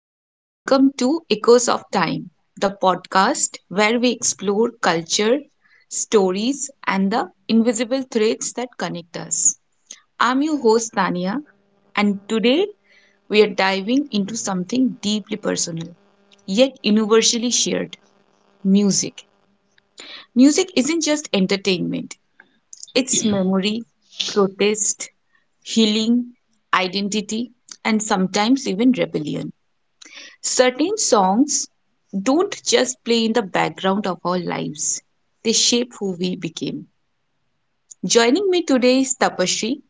and welcome to Echoes of Time, the podcast where we explore culture, stories, and the invisible threads that connect us. I'm your host, Tania, and today we are diving into something deeply personal, yet universally shared music. Music isn't just entertainment, it's memory, protest, healing, identity, and sometimes even rebellion. Certain songs don't just play in the background of our lives, they shape who we became. Joining me today is Tapasree,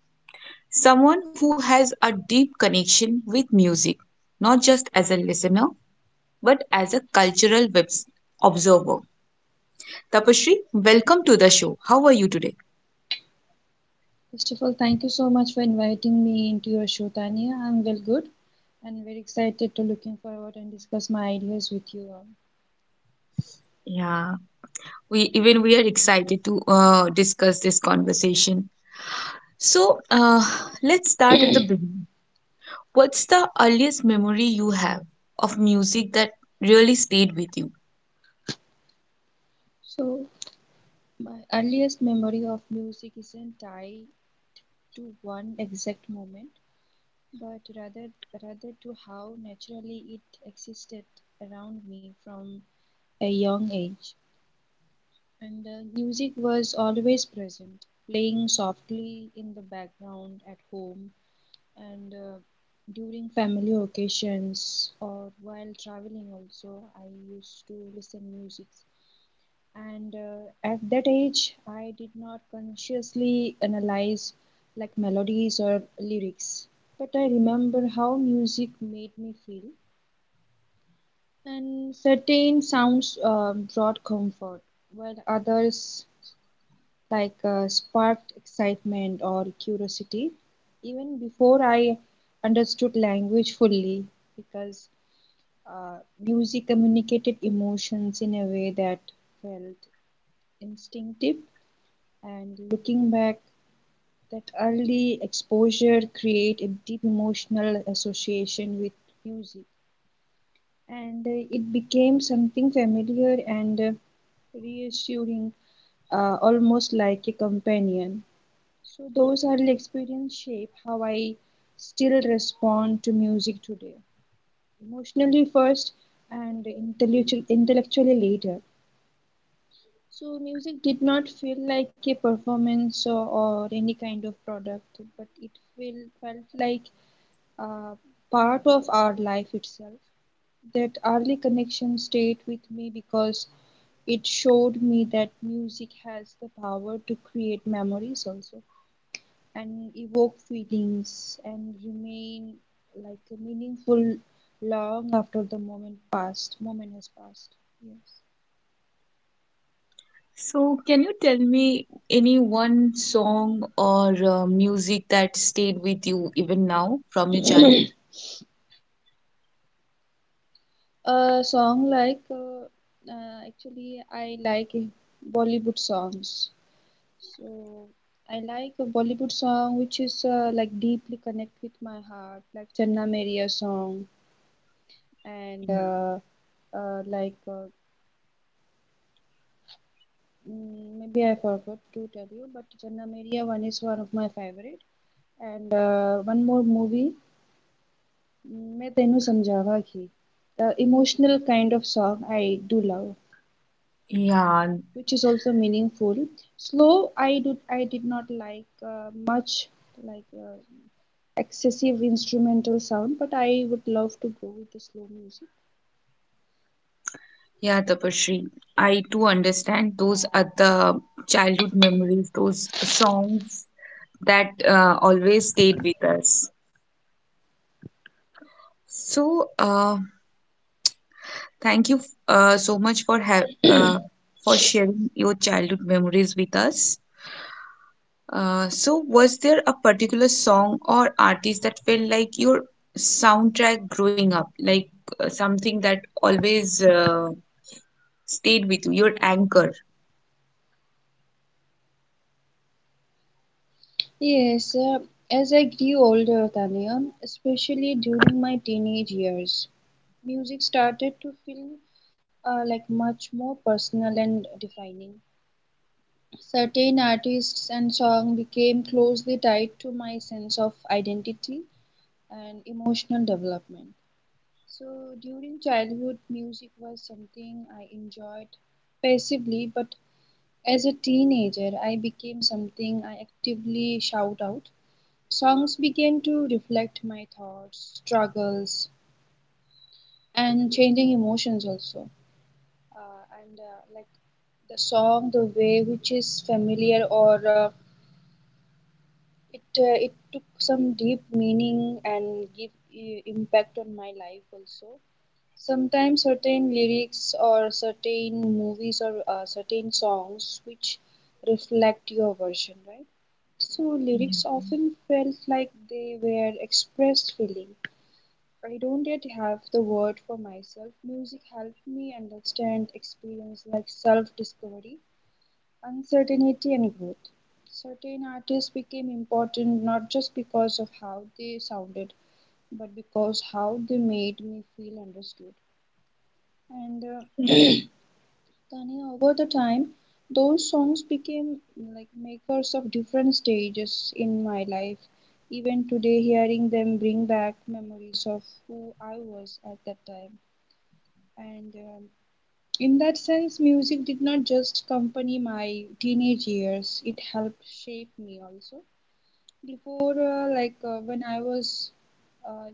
someone who has a deep connection with music, not just as a listener, but as a observer. Tapasree, welcome to the show. How are you today? First of all, thank you so much for inviting me into your show, Tania. I'm well good and very excited to looking forward and discuss my ideas with you all. Yeah, we are excited to discuss this conversation. So let's start at the beginning. What's the earliest memory you have of music that really stayed with you? So, my earliest memory of music isn't tied to one exact moment, but rather to how naturally it existed around me from a young age. And Music was always present, playing softly in the background at home and during family occasions or while traveling also, I used to listen music, and at that age I did not consciously analyze like melodies or lyrics, but I remember how music made me feel, and certain sounds brought comfort, while others sparked excitement or curiosity even before I understood language fully, because uh, music communicated emotions in a way that felt instinctive. And looking back, that early exposure create a deep emotional association with music, and it became something familiar and reassuring, almost like a companion. So those early experiences shape how I still respond to music today, emotionally first and intellectually later. So music did not feel like a performance or any kind of product, but it feel, felt like uh, part of our life itself. That early connection stayed with me because it showed me that music has the power to create memories also, and evoke feelings, and remain like a meaningful long after the moment has passed. Yes. So, can you tell me any one song or music that stayed with you even now from your childhood? A song like actually I like Bollywood songs, so I like a Bollywood song which is like deeply connect with my heart, like Channa Meriya song. and Yeah, uh, uh, like uh, Maybe I forgot to tell you, but Channa Meriya one is one of my favorite. And One more movie, मैं तेनू समझावा की, the emotional kind of song I do love, yeah, which is also meaningful. Slow, I did not like much like uh, excessive instrumental sound, but I would love to go with the slow music. yeah, Tapasree. I too understand those are the childhood memories, those songs that always stayed with us. So, thank you so much for ha uh, for sharing your childhood memories with us. So, was there a particular song or artist that felt like your soundtrack growing up, like something that always stayed with you, your anchor? Yes, as I grew older, Tanya, especially during my teenage years, music started to feel like much more personal and defining. Certain artists and songs became closely tied to my sense of identity and emotional development. So, during childhood, music was something I enjoyed passively, but as a teenager, I became something I actively shout out. Songs began to reflect my thoughts, struggles, and changing emotions also. And Like the song, the way which is familiar or it it took some deep meaning and give impact on my life also. Sometimes certain lyrics or certain movies or certain songs which reflect your version, right? So lyrics often felt like they were expressed feeling. I don't yet have the word for myself. Music helped me understand experience like self discovery, uncertainty and growth. Certain artists became important not just because of how they sounded, but because how they made me feel understood. And Tanya, over the time, those songs became like makers of different stages in my life. Even today, hearing them bring back memories of who I was at that time. And In that sense, music did not just accompany my teenage years, it helped shape me also. Before, when uh,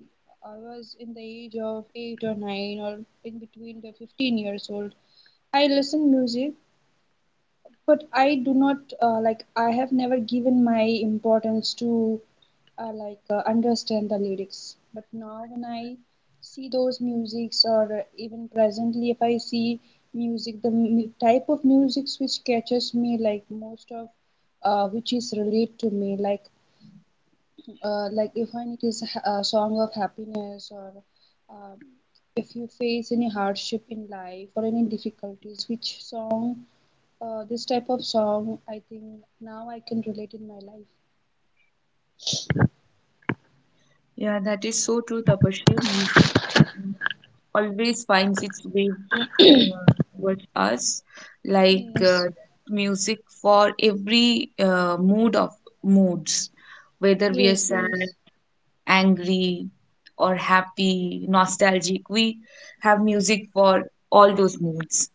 I was in the age of eight or nine, or in between the 15 years old, I listened music, but I do not I have never given my importance to understand the lyrics, but now when I see those musics, or even presently if I see music, the type of musics which catches me like most of which is relate to me, like if when it is a song of happiness, or um, if you face any hardship in life or any difficulties which song, this type of song I think now I can relate in my life. Yeah, that is so true, Tapashri. Music, mm, always finds its way uh, towards us, like yes music for every mood of moods, whether we are yes sad, yes angry, or happy, nostalgic. We have music for all those moods.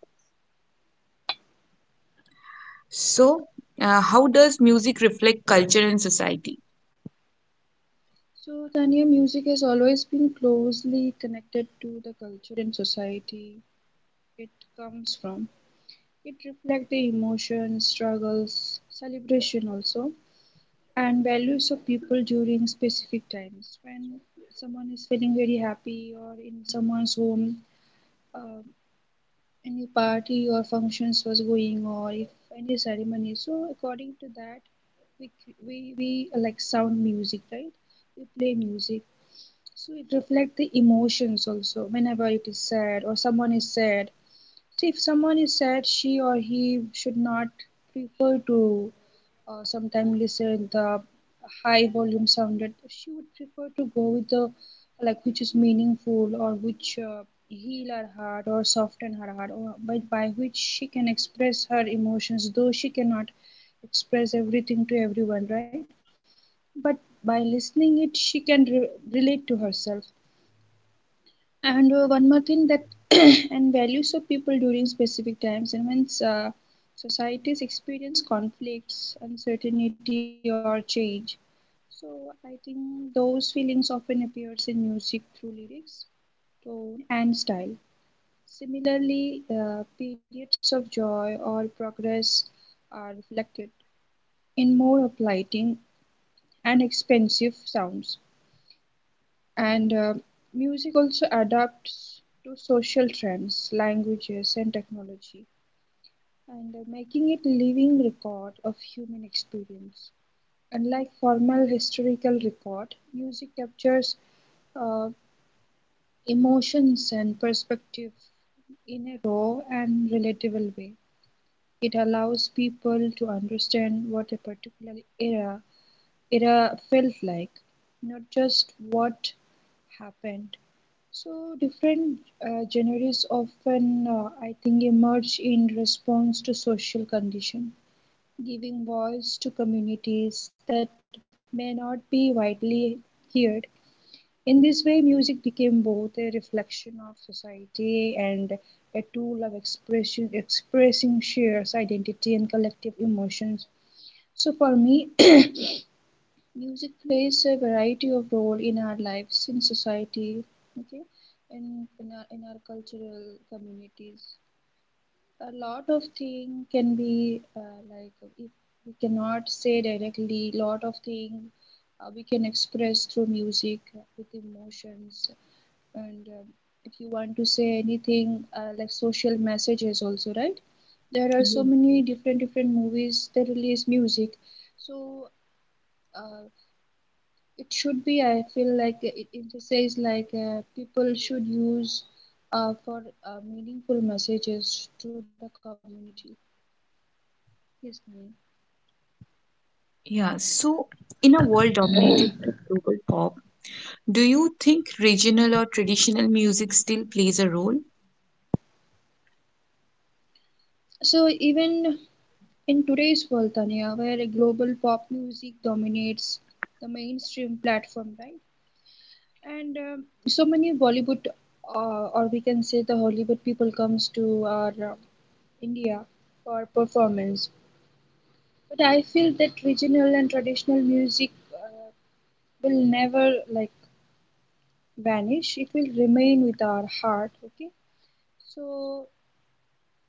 So, how does music reflect culture and society? So, Tanya, music has always been closely connected to the culture and society it comes from. It reflects the emotions, struggles, celebration also, and values of people during specific times. When someone is feeling very happy, or in someone's home, uh, any party or functions was going, or if any ceremony. So, according to that, we we like sound music, right? We play music. So it reflects the emotions also whenever it is sad or someone is sad. So if someone is sad, she or he should not prefer to sometimes listen the high volume sounded. She would prefer to go with the like which is meaningful, or which heal her heart or soften her heart, or by which she can express her emotions though she cannot express everything to everyone, right? But by listening it she can relate to herself. And One more thing that and values of people during specific times, and when societies experience conflicts, uncertainty, or change. So I think those feelings often appears in music through lyrics, tone, and style. Similarly, periods of joy or progress are reflected in more uplighting and expensive sounds. And Music also adapts to social trends, languages, and technology, and making it a living record of human experience. Unlike formal historical record, music captures uh, emotions and perspective in a raw and relatable way. It allows people to understand what a particular era felt like, not just what happened. So different genres often, I think, emerge in response to social condition, giving voice to communities that may not be widely heard. In this way, music became both a reflection of society and a tool of expression, expressing shares, identity, and collective emotions. So for me, music plays a variety of role in our lives, in society, okay, and in our cultural communities. A lot of thing can be like if we cannot say directly, lot of thing we can express through music with emotions. And If you want to say anything like social messages also, right? There are so Yes. many different different movies that release music, so uh, it should be, I feel like it emphasizes like people should use for meaningful messages to the community. Yes, Tanya. Yeah, so in a world dominated by global pop, do you think regional or traditional music still plays a role? So even in today's world, Tanya, where global pop music dominates the mainstream platform, right? and So many Bollywood, we can say the Hollywood people comes to our India for performance. But I feel that regional and traditional music will never like vanish, it will remain with our heart, okay? So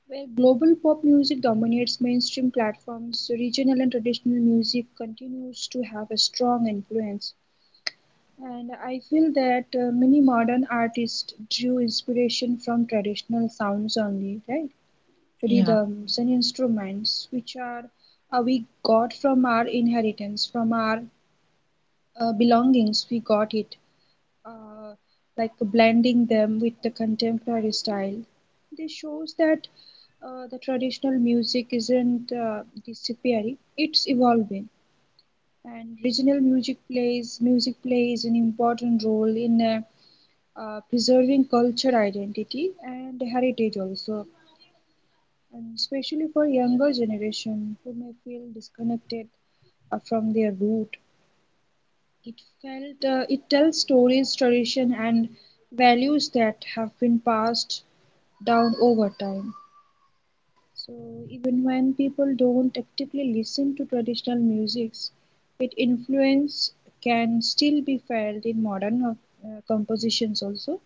where global pop music dominates mainstream platforms, regional and traditional music continues to have a strong influence, and I feel that many modern artists drew inspiration from traditional sounds only, right? Yeah, Rhythms and instruments which are we got from our inheritance, from our belongings we got it, uh, like blending them with the contemporary style. This shows that the traditional music isn't disappearing; it's evolving. And regional music plays an important role in preserving culture identity and heritage also, and especially for younger generation who may feel disconnected from their root. It felt, it tells stories, tradition, and values that have been passed down over time. So even when people don't actively listen to traditional musics, its influence can still be felt in modern compositions also.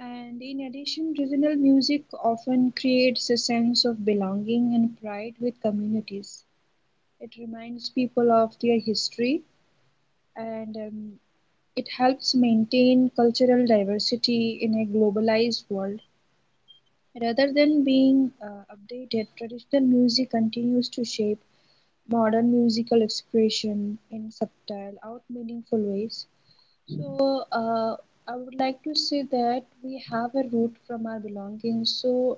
And in addition, regional music often creates a sense of belonging and pride with communities. It reminds people of their history, and it helps maintain cultural diversity in a globalized world. Rather than being updated, traditional music continues to shape modern musical expression in subtle, out meaningful ways. So, I would like to say that we have a root from our belongings. So,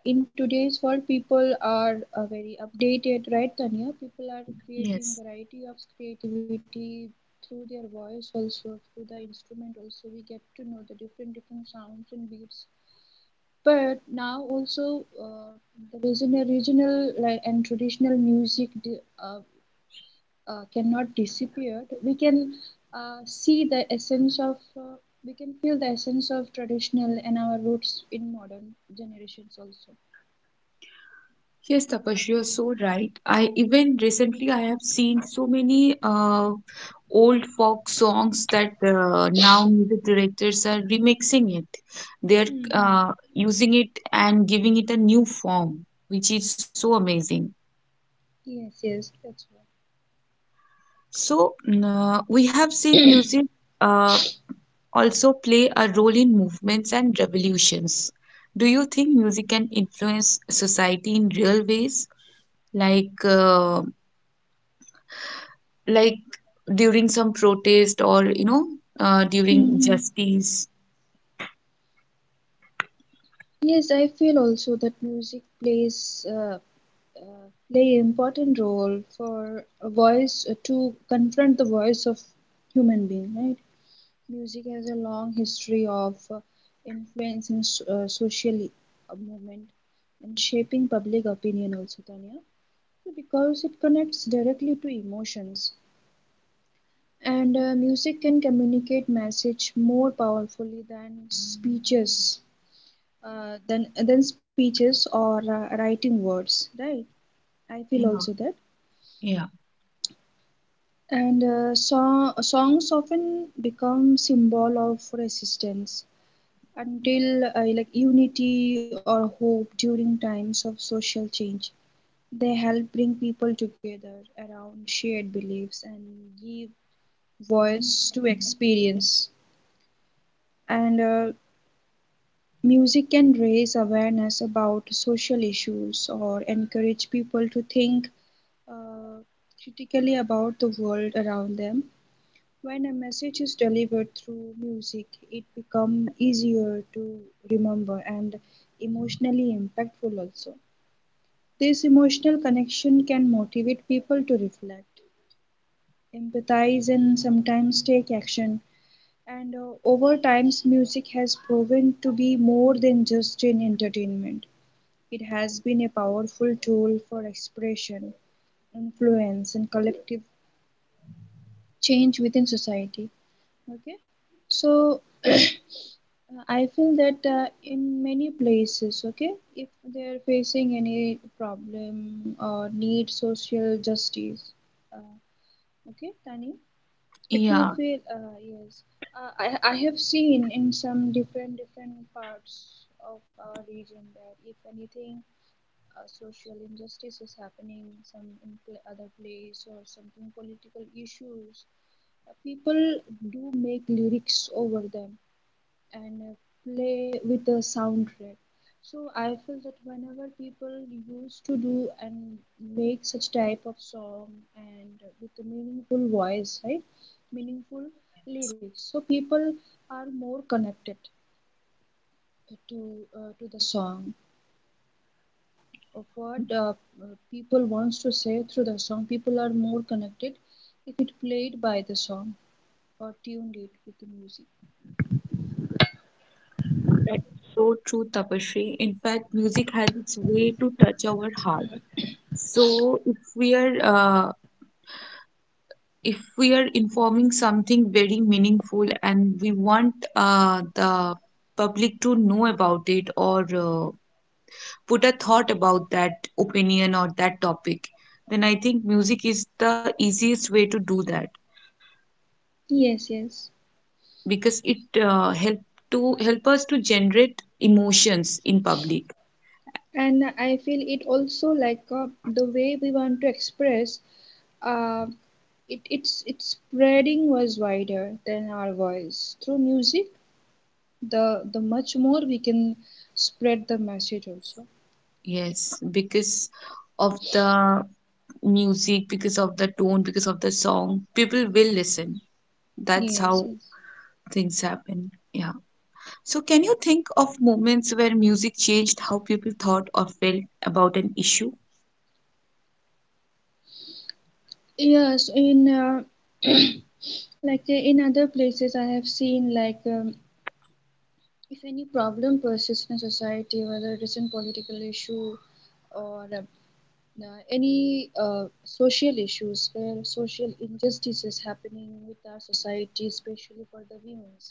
in today's world people are very updated, right, Tanya? People are creating yes. variety of creativity through their voice also, through the instrument also we get to know the different different sounds and beats. But now also, uh, the regional and traditional music uh, cannot disappear. We can see the essence of uh, we can feel the essence of traditional and our roots in modern generations Yes, Tapash, you're so right. I even recently I have seen so many old folk songs that now music directors are remixing it. They're also. Using it and giving it a new form, which is so amazing. Yes, yes, that's right. So, we have seen music, uh, also play a role in movements and revolutions. Do you think music can influence society in real ways, like like during some protest or, you know, during Hmm. justice? Yes, I feel also that music plays play important role for a voice to confront the voice of human being, right? Music has a long history of influencing social movement and shaping public opinion also, Tanya. So because it connects directly to emotions, and music can communicate message more. Yeah, yeah, Those often become symbol of resistance until like unity or hope during times of social change. They help bring people together around shared beliefs and give voice to experience. And music can raise awareness about social issues or encourage people to think uh, critically about the world around them. When a message is delivered through music, it becomes easier to remember and emotionally impactful also. This emotional connection can motivate people to reflect, empathize, and sometimes take action. And over times, music has proven to be more than just an entertainment. It has been a powerful tool for expression, influence, and collective change within society. Okay, so I feel that in many places, okay, if they are facing any problem or need social justice, uh, okay, Tani. If you yeah. feel, yes, uh, I, I have seen in some different different parts of our region that if anything social injustice is happening, some in other place, or something political issues, people do make lyrics over them and play with the soundtrack. So I feel that whenever people used to do and make such type of song and with a meaningful voice, right, meaningful lyrics, so people are more connected to to the song of what people wants to say through the song. People are more connected if it played by the song or tuned it with the music. That's so true, Tapashri. In fact, music has its way to touch our heart. So if we are if we are informing something very meaningful and we want the public to know about it, or put a thought about that opinion or that topic, then I think music is the easiest way to do that, Yes, yes. because it help to help us to generate emotions in public. And I feel it also, like, the way we want to express, uh, it's its spreading was wider than our voice. Through music, the much more we can spread the message also. Yes, because of the music, because of the tone, because of the song, people will listen. That's Yes, how yes. things happen, yeah. So, can you think of moments where music changed how people thought or felt about an issue? Yes, in uh, like, in other places, I have seen, like, if any problem persists in a society, whether it is in political issue or any social issues where social injustice is happening with our society, especially for the women's.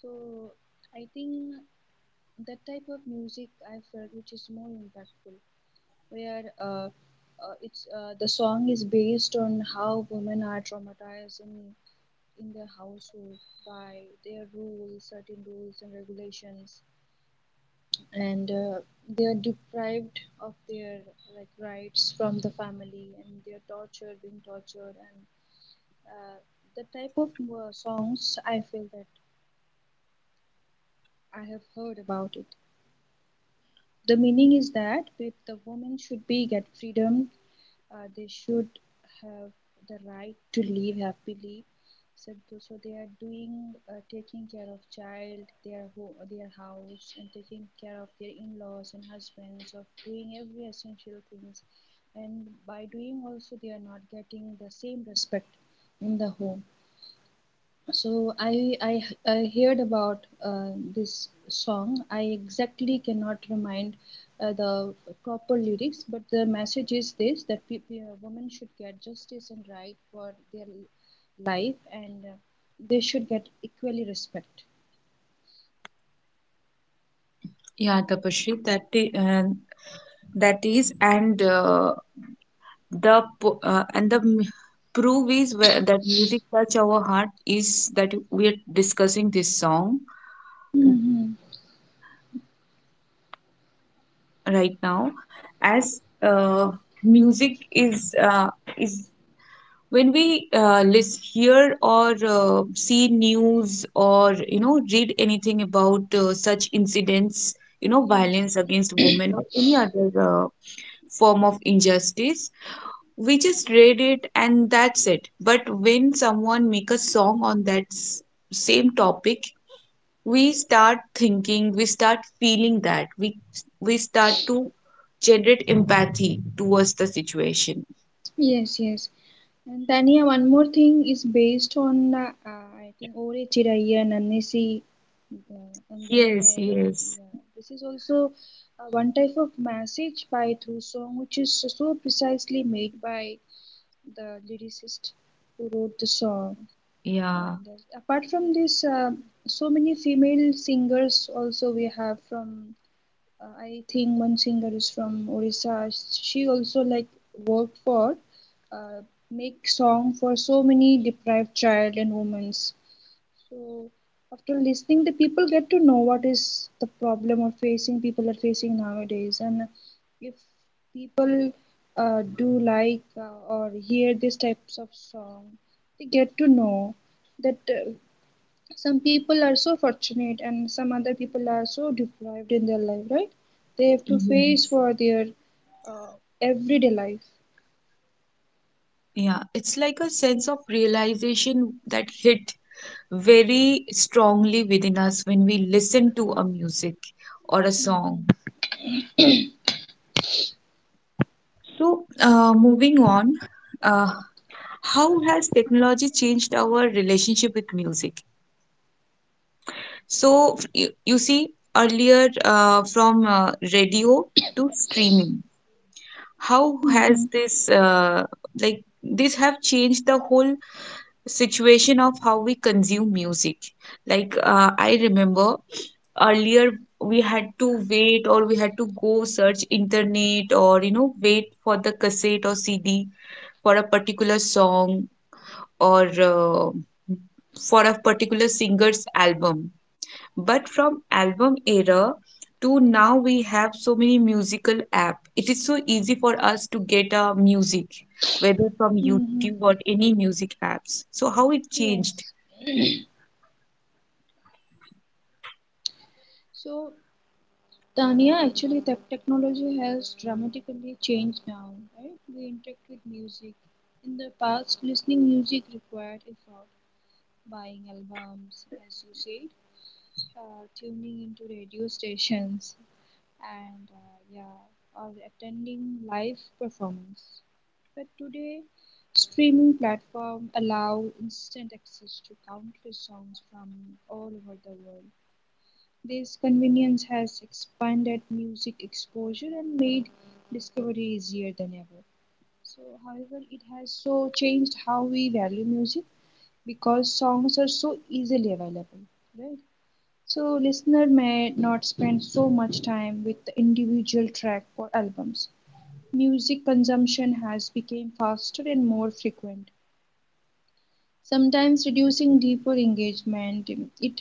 So I think that type of music I felt which is more impactful, where it's the song is based on how women are traumatized in their household by their rules, certain rules and regulations, and they are deprived of their, like, rights from the family, and they are tortured, being tortured, and uh, the type of songs I feel that I have heard about it. The meaning is that with the woman should be get freedom, they should have the right to live happily, so, so they are doing, taking care of child their house and taking care of their in-laws and husbands of doing every essential things, and by doing also they are not getting the same respect in the home. So I heard about this song. I exactly cannot remind the proper lyrics, but the message is this: that women should get justice and right for their life, and they should get equally respect. Yeah, Tapashri, that is, and the po- and the m- proof is where, that music touch our heart is that we are discussing this song Hmm. right now, as music is, is when we listen, hear, or see news, or, you know, read anything about such incidents, you know, Yes. violence against women, or any other form of injustice, we just read it and that's it. But when someone make a song on that same topic, we start thinking, we start feeling that we start to generate empathy towards the situation. Yes, yes. And Tania, one more thing is based on, I think, Ore Chiraiya Nannesi, Yes, Anganame. Yes, Yeah. This is also one type of message by through song, which is so precisely made by the lyricist who wrote the song. yeah. And apart from this, so many female singers also we have from, I think, one singer is from Orissa. She also, like, worked for uh, make song for so many deprived child and women's. So after listening, the people get to know what is the problem or facing people are facing nowadays, and if people do, like, or hear these types of song, they get to know that some people are so fortunate and some other people are so deprived in their life, right? They have to face Yes. for their, uh, everyday life. Yeah, it's like a sense of realization that hit very strongly within us when we listen to a music or a Hmm. song. So, moving on, uh, how has technology changed our relationship with music? So, you, you see, earlier from radio to streaming, how has Hmm. this have changed the whole situation of how we consume music. Like I remember earlier we had to wait, or we had to go search internet, or you know, wait for the cassette or CD for a particular song, or for a particular singer's album. But from album era to now, we have so many musical app. It is so easy for us to get our music, whether from Hmm. YouTube or any music apps. So how it changed. Yes. So, Tanya, actually, technology has dramatically changed now, right? We interact with music. In the past, listening music required effort: buying albums, as you said, tuning into radio stations, and yeah, or attending live performance. But today, streaming platform allow instant access to countless songs from all over the world. This convenience has expanded music exposure and made discovery easier than ever. So, however, it has so changed how we value music because songs are so easily available, right? So listener may not spend so much time with the individual track or albums. Music consumption has become faster and more frequent, sometimes reducing deeper engagement. It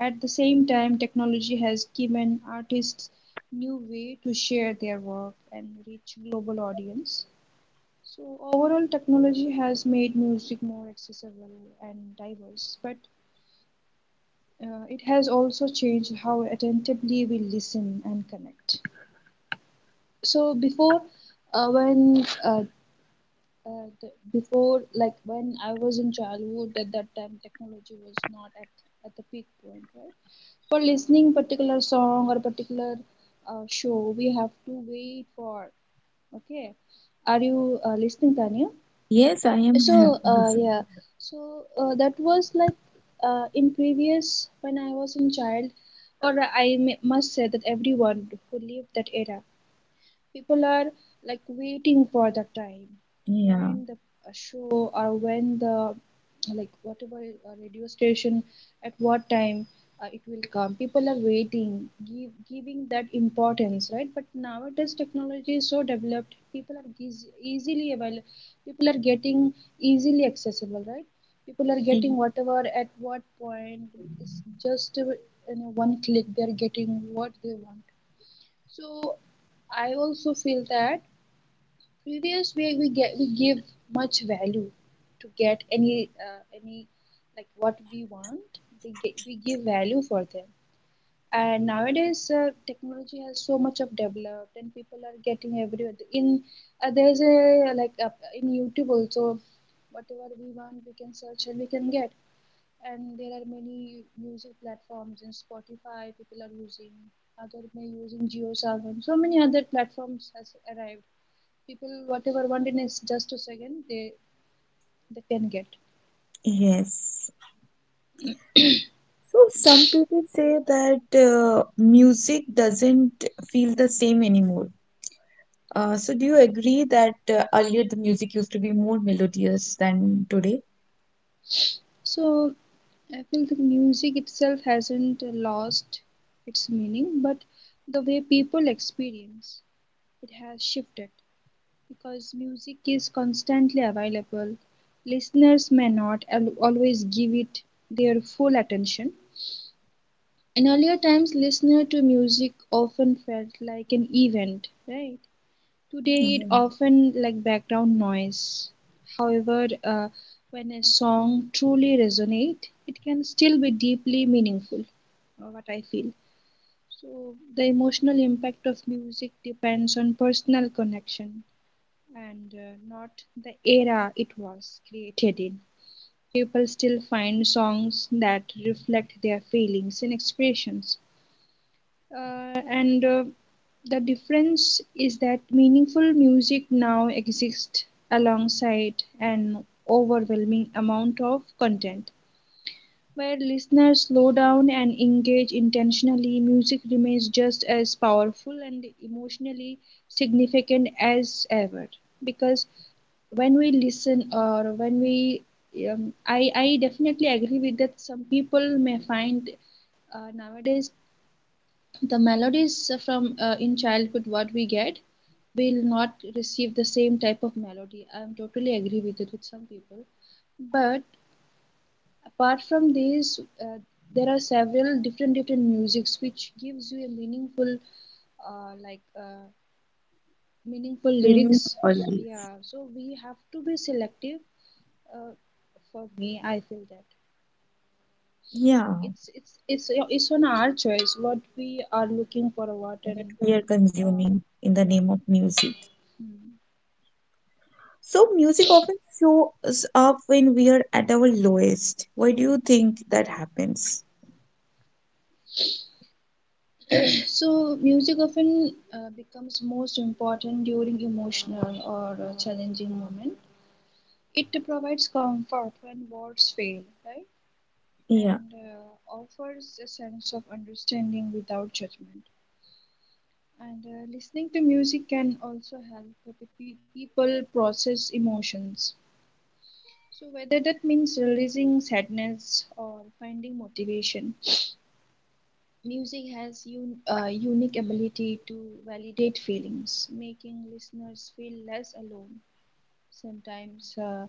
At the same time, technology has given artists new way to share their work and reach global audience. So overall technology has made music more accessible and diverse, but it has also changed how attentively we listen and connect. So before, uh, when uh, like when I was in childhood, at that time technology was not at the peak point, right? For listening particular song or particular show, we have to wait for. Okay, are you listening, Tanya? Yes, I am So, happy yeah, listening. so that was like, in previous when I was in child, or I m must say that everyone who lived that era, people are like waiting for the time Yeah. when the show or when the, like, whatever radio station, at what time it will come, people are waiting, giving that importance, right? But nowadays technology is so developed, people are easily available, people are getting easily accessible, right? People are Y- getting whatever, at what point, it's just one click they are getting what they want. So I also feel that previous way we get we give much value to get any any, like, what we want. We get, we give value for them. And nowadays technology has so much of developed, and people are getting everywhere. In There's a, like, in YouTube also, whatever we want we can search and we can get, and there are many music platforms, in Spotify people are using, other may using JioSaavn, so many other platforms has arrived, people whatever want in is just a second they can get. Yes. So some people say that music doesn't feel the same anymore. So do you agree that earlier the music used to be more melodious than today? So I feel the music itself hasn't lost its meaning, but the way people experience it has shifted. Because music is constantly available, listeners may not always give it their full attention. In earlier times, listening to music often felt like an event, right? Today, it Yeah. often like background noise. However, when a song truly resonates, it can still be deeply meaningful, what I feel. So, the emotional impact of music depends on personal connection and not the era it was created in. People still find songs that reflect their feelings and expressions, and the difference is that meaningful music now exists alongside an overwhelming amount of content. Where listeners slow down and engage intentionally, music remains just as powerful and emotionally significant as ever. Because when we listen or when we, I definitely agree with that some people may find nowadays the melodies from in childhood what we get will not receive the same type of melody. I am totally agree with it with some people, but apart from these, there are several different different musics which gives you a meaningful, like, meaningful Meaning lyrics, or so, life. yeah, so we have to be selective. uh, for me, I feel that Yeah, it's it's it's it's on our choice what we are looking for what and that we are uh, consuming in the yeah. name of music. Hmm. So music often shows up when we are at our lowest. Why do you think that happens? So, music often becomes most important during emotional or challenging moment. It provides comfort when words fail, right? Yeah, And offers a sense of understanding without judgment. And listening to music can also help people process emotions. So, whether that means releasing sadness or finding motivation, music has a unique ability to validate feelings, making listeners feel less alone. Sometimes uh,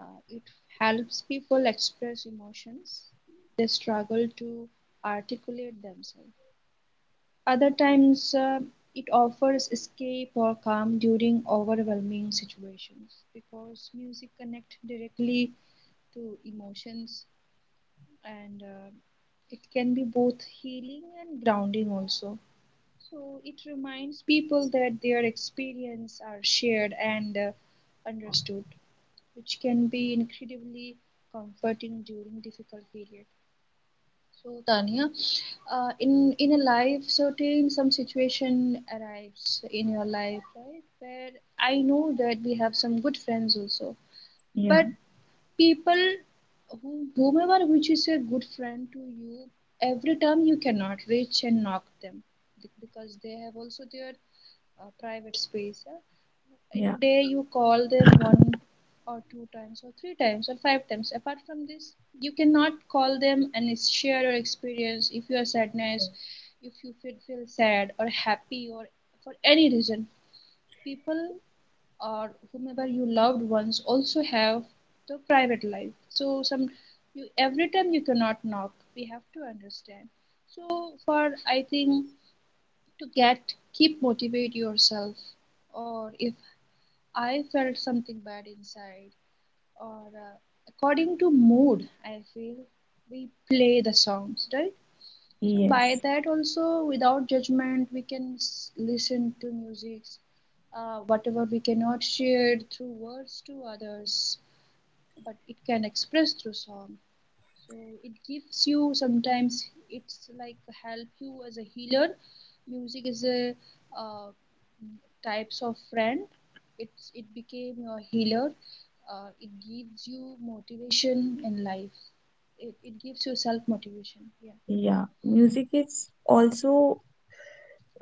uh, it helps people express emotions they struggle to articulate themselves. Other times, it offers escape or calm during overwhelming situations because music connects directly to emotions, and it can be both healing and grounding also, so it reminds people that their experience are shared and understood, which can be incredibly comforting during difficult period. So Tanya, in a life, certain some situation arrives in your life, right? Where I know that we have some good friends also, yeah, but people, whomever which is a good friend to you, every time you cannot reach and knock them, because they have also their private space. Yeah. In yeah, a day, you call them one or two times or three times or five times. Apart from this, you cannot call them and share your experience if you are sadness, if you feel sad or happy or for any reason people or whomever you loved ones also have the private life, so some you every time you cannot knock, we have to understand. So for I think to get keep motivate yourself, or if I felt something bad inside, or according to mood I feel, we play the songs, right? So by yes, that also, without judgment, we can listen to music, whatever we cannot share through words to others, but it can express through song. So it gives you, sometimes it's like, help you as a healer. Music is a uh, types of friend. It became your healer. It gives you motivation in life. It gives you self motivation. Yeah. yeah. Music is also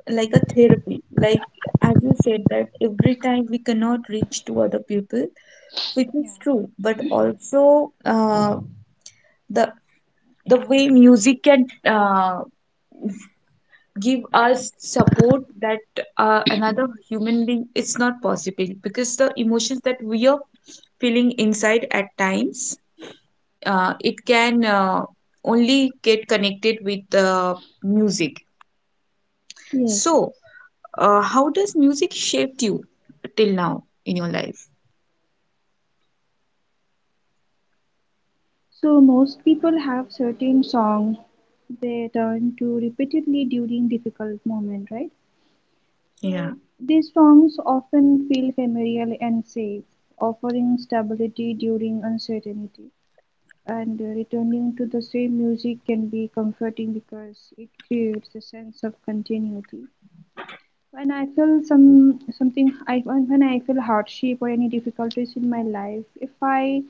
like a therapy, like, as you said, that every time we cannot reach to other people, which Yeah. is true, but also the the way music can uh, give us support that another human being it's not possible, because the emotions that we are feeling inside at times, it can only get connected with the music. So, Yes, yes. How does music shaped you till now in your life? So most people have certain song they turn to repeatedly during difficult moment, right? Yeah, So these songs often feel familiar and safe, offering stability during uncertainty. And returning to the same music can be comforting because it creates a sense of continuity. When I feel something, I when I feel hardship or any difficulties in my life, if I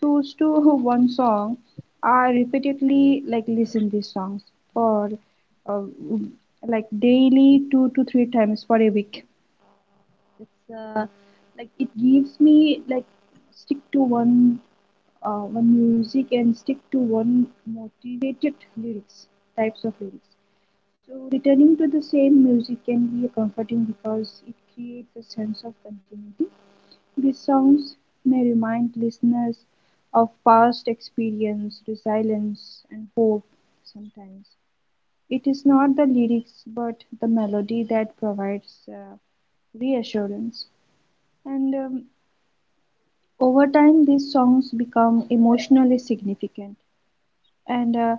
choose to one song, I repeatedly like listen these songs for uh, like daily two to three times for a week. It's like it gives me like stick to one one music and stick to one motivated lyrics, types of lyrics. So returning to the same music can be comforting because it creates a sense of continuity. These songs may remind listeners of past experience, resilience and hope. Sometimes it is not the lyrics but the melody that provides reassurance, and over time these songs become emotionally significant and uh,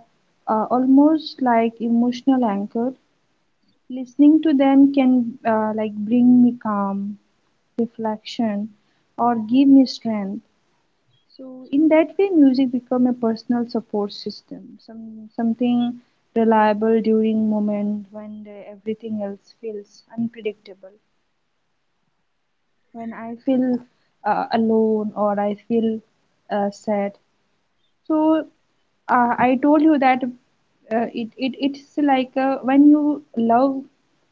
uh, almost like emotional anchor. Listening to them can like bring me calm, reflection, or give me strength. So in that way, music become a personal support system, something reliable during moment when everything else feels unpredictable. When I feel alone or I feel sad, so I told you that it's like when you love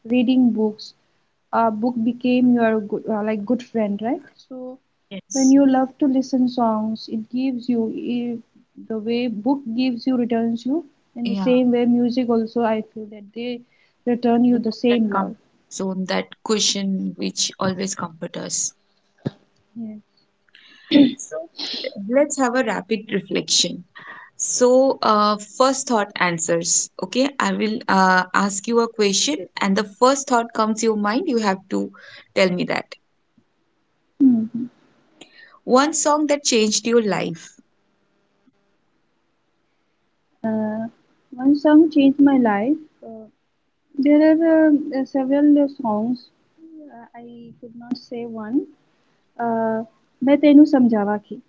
reading books, a book became your good, like good friend, right? So when yes, you love to listen songs, it gives you, i- the way book gives you returns you, in the yeah. same way music also I feel that they return you the Without that same comfort love. zone, that cushion which always comfort us. Yes. So, let's have a rapid reflection. So, first thought answers. Okay, I will ask you a question, and the first thought comes to your mind. You have to tell me that. Hmm. One song that changed your life. Uh, One song changed my life. There are several songs. I could not say one. Uh, मैं तेनू समझावा की.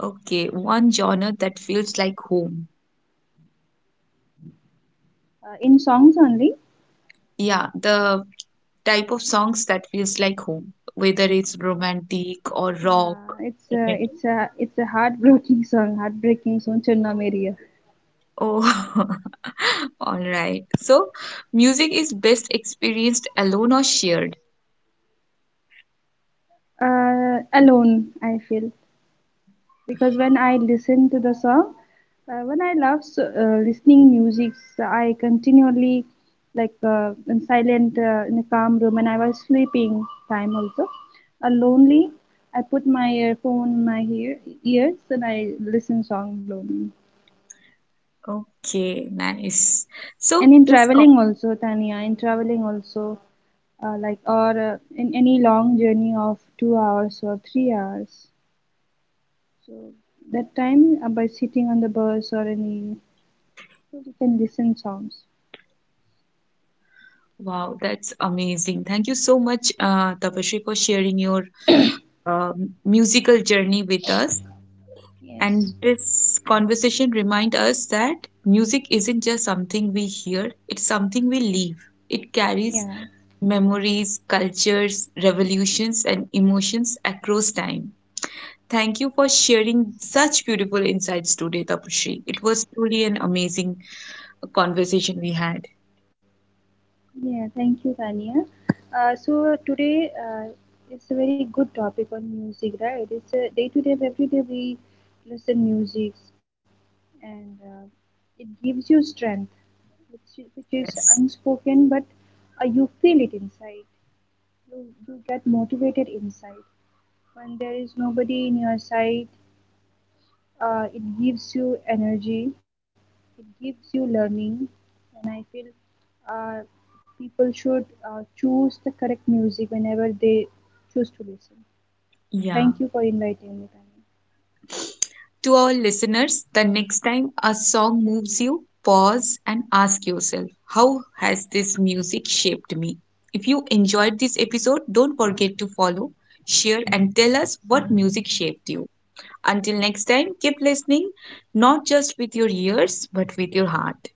Okay, one genre that feels like home. In songs only. Yeah, the type of songs that feels like home, whether it's romantic or rock. Yeah, it's a, Metal. it's a, it's a heartbreaking song. Heartbreaking song. Chunna Meriya. Oh, all right. So, music is best experienced alone or shared. Alone, I feel. Because when I listen to the song, when I love listening music, so I continually like in silent, in a calm room, and I was sleeping time also, lonely. I put my earphone in my ear, ears, and I listen song lonely. Okay, nice. So, And in this— traveling also, Tania, in traveling also, like or in any long journey of 2 hours or 3 hours. So that time, by sitting on the bus or any, so we can listen songs. Wow, that's amazing. Thank you so much, Tapashri, for sharing your musical journey with us. Yes, And this conversation reminds us that music isn't just something we hear, it's something we live. It carries yeah, memories, cultures, revolutions, and emotions across time. Thank you for sharing such beautiful insights today, Tapashri. It was truly an amazing conversation we had. yeah. Thank you, Tania. Today it's a very good topic on music, right? It's a day to day, every day we listen music, and it gives you strength, which which is Yes. unspoken, but you feel it inside. You get motivated inside when there is nobody in your side. It gives you energy, it gives you learning, and I feel uh, people should choose the correct music whenever they choose to listen. Yeah. Thank you for inviting me, Tanya. To our listeners, the next time a song moves you, pause and ask yourself, how has this music shaped me? If you enjoyed this episode, don't forget to follow, share, and tell us what music shaped you. Until next time, keep listening, not just with your ears, but with your heart.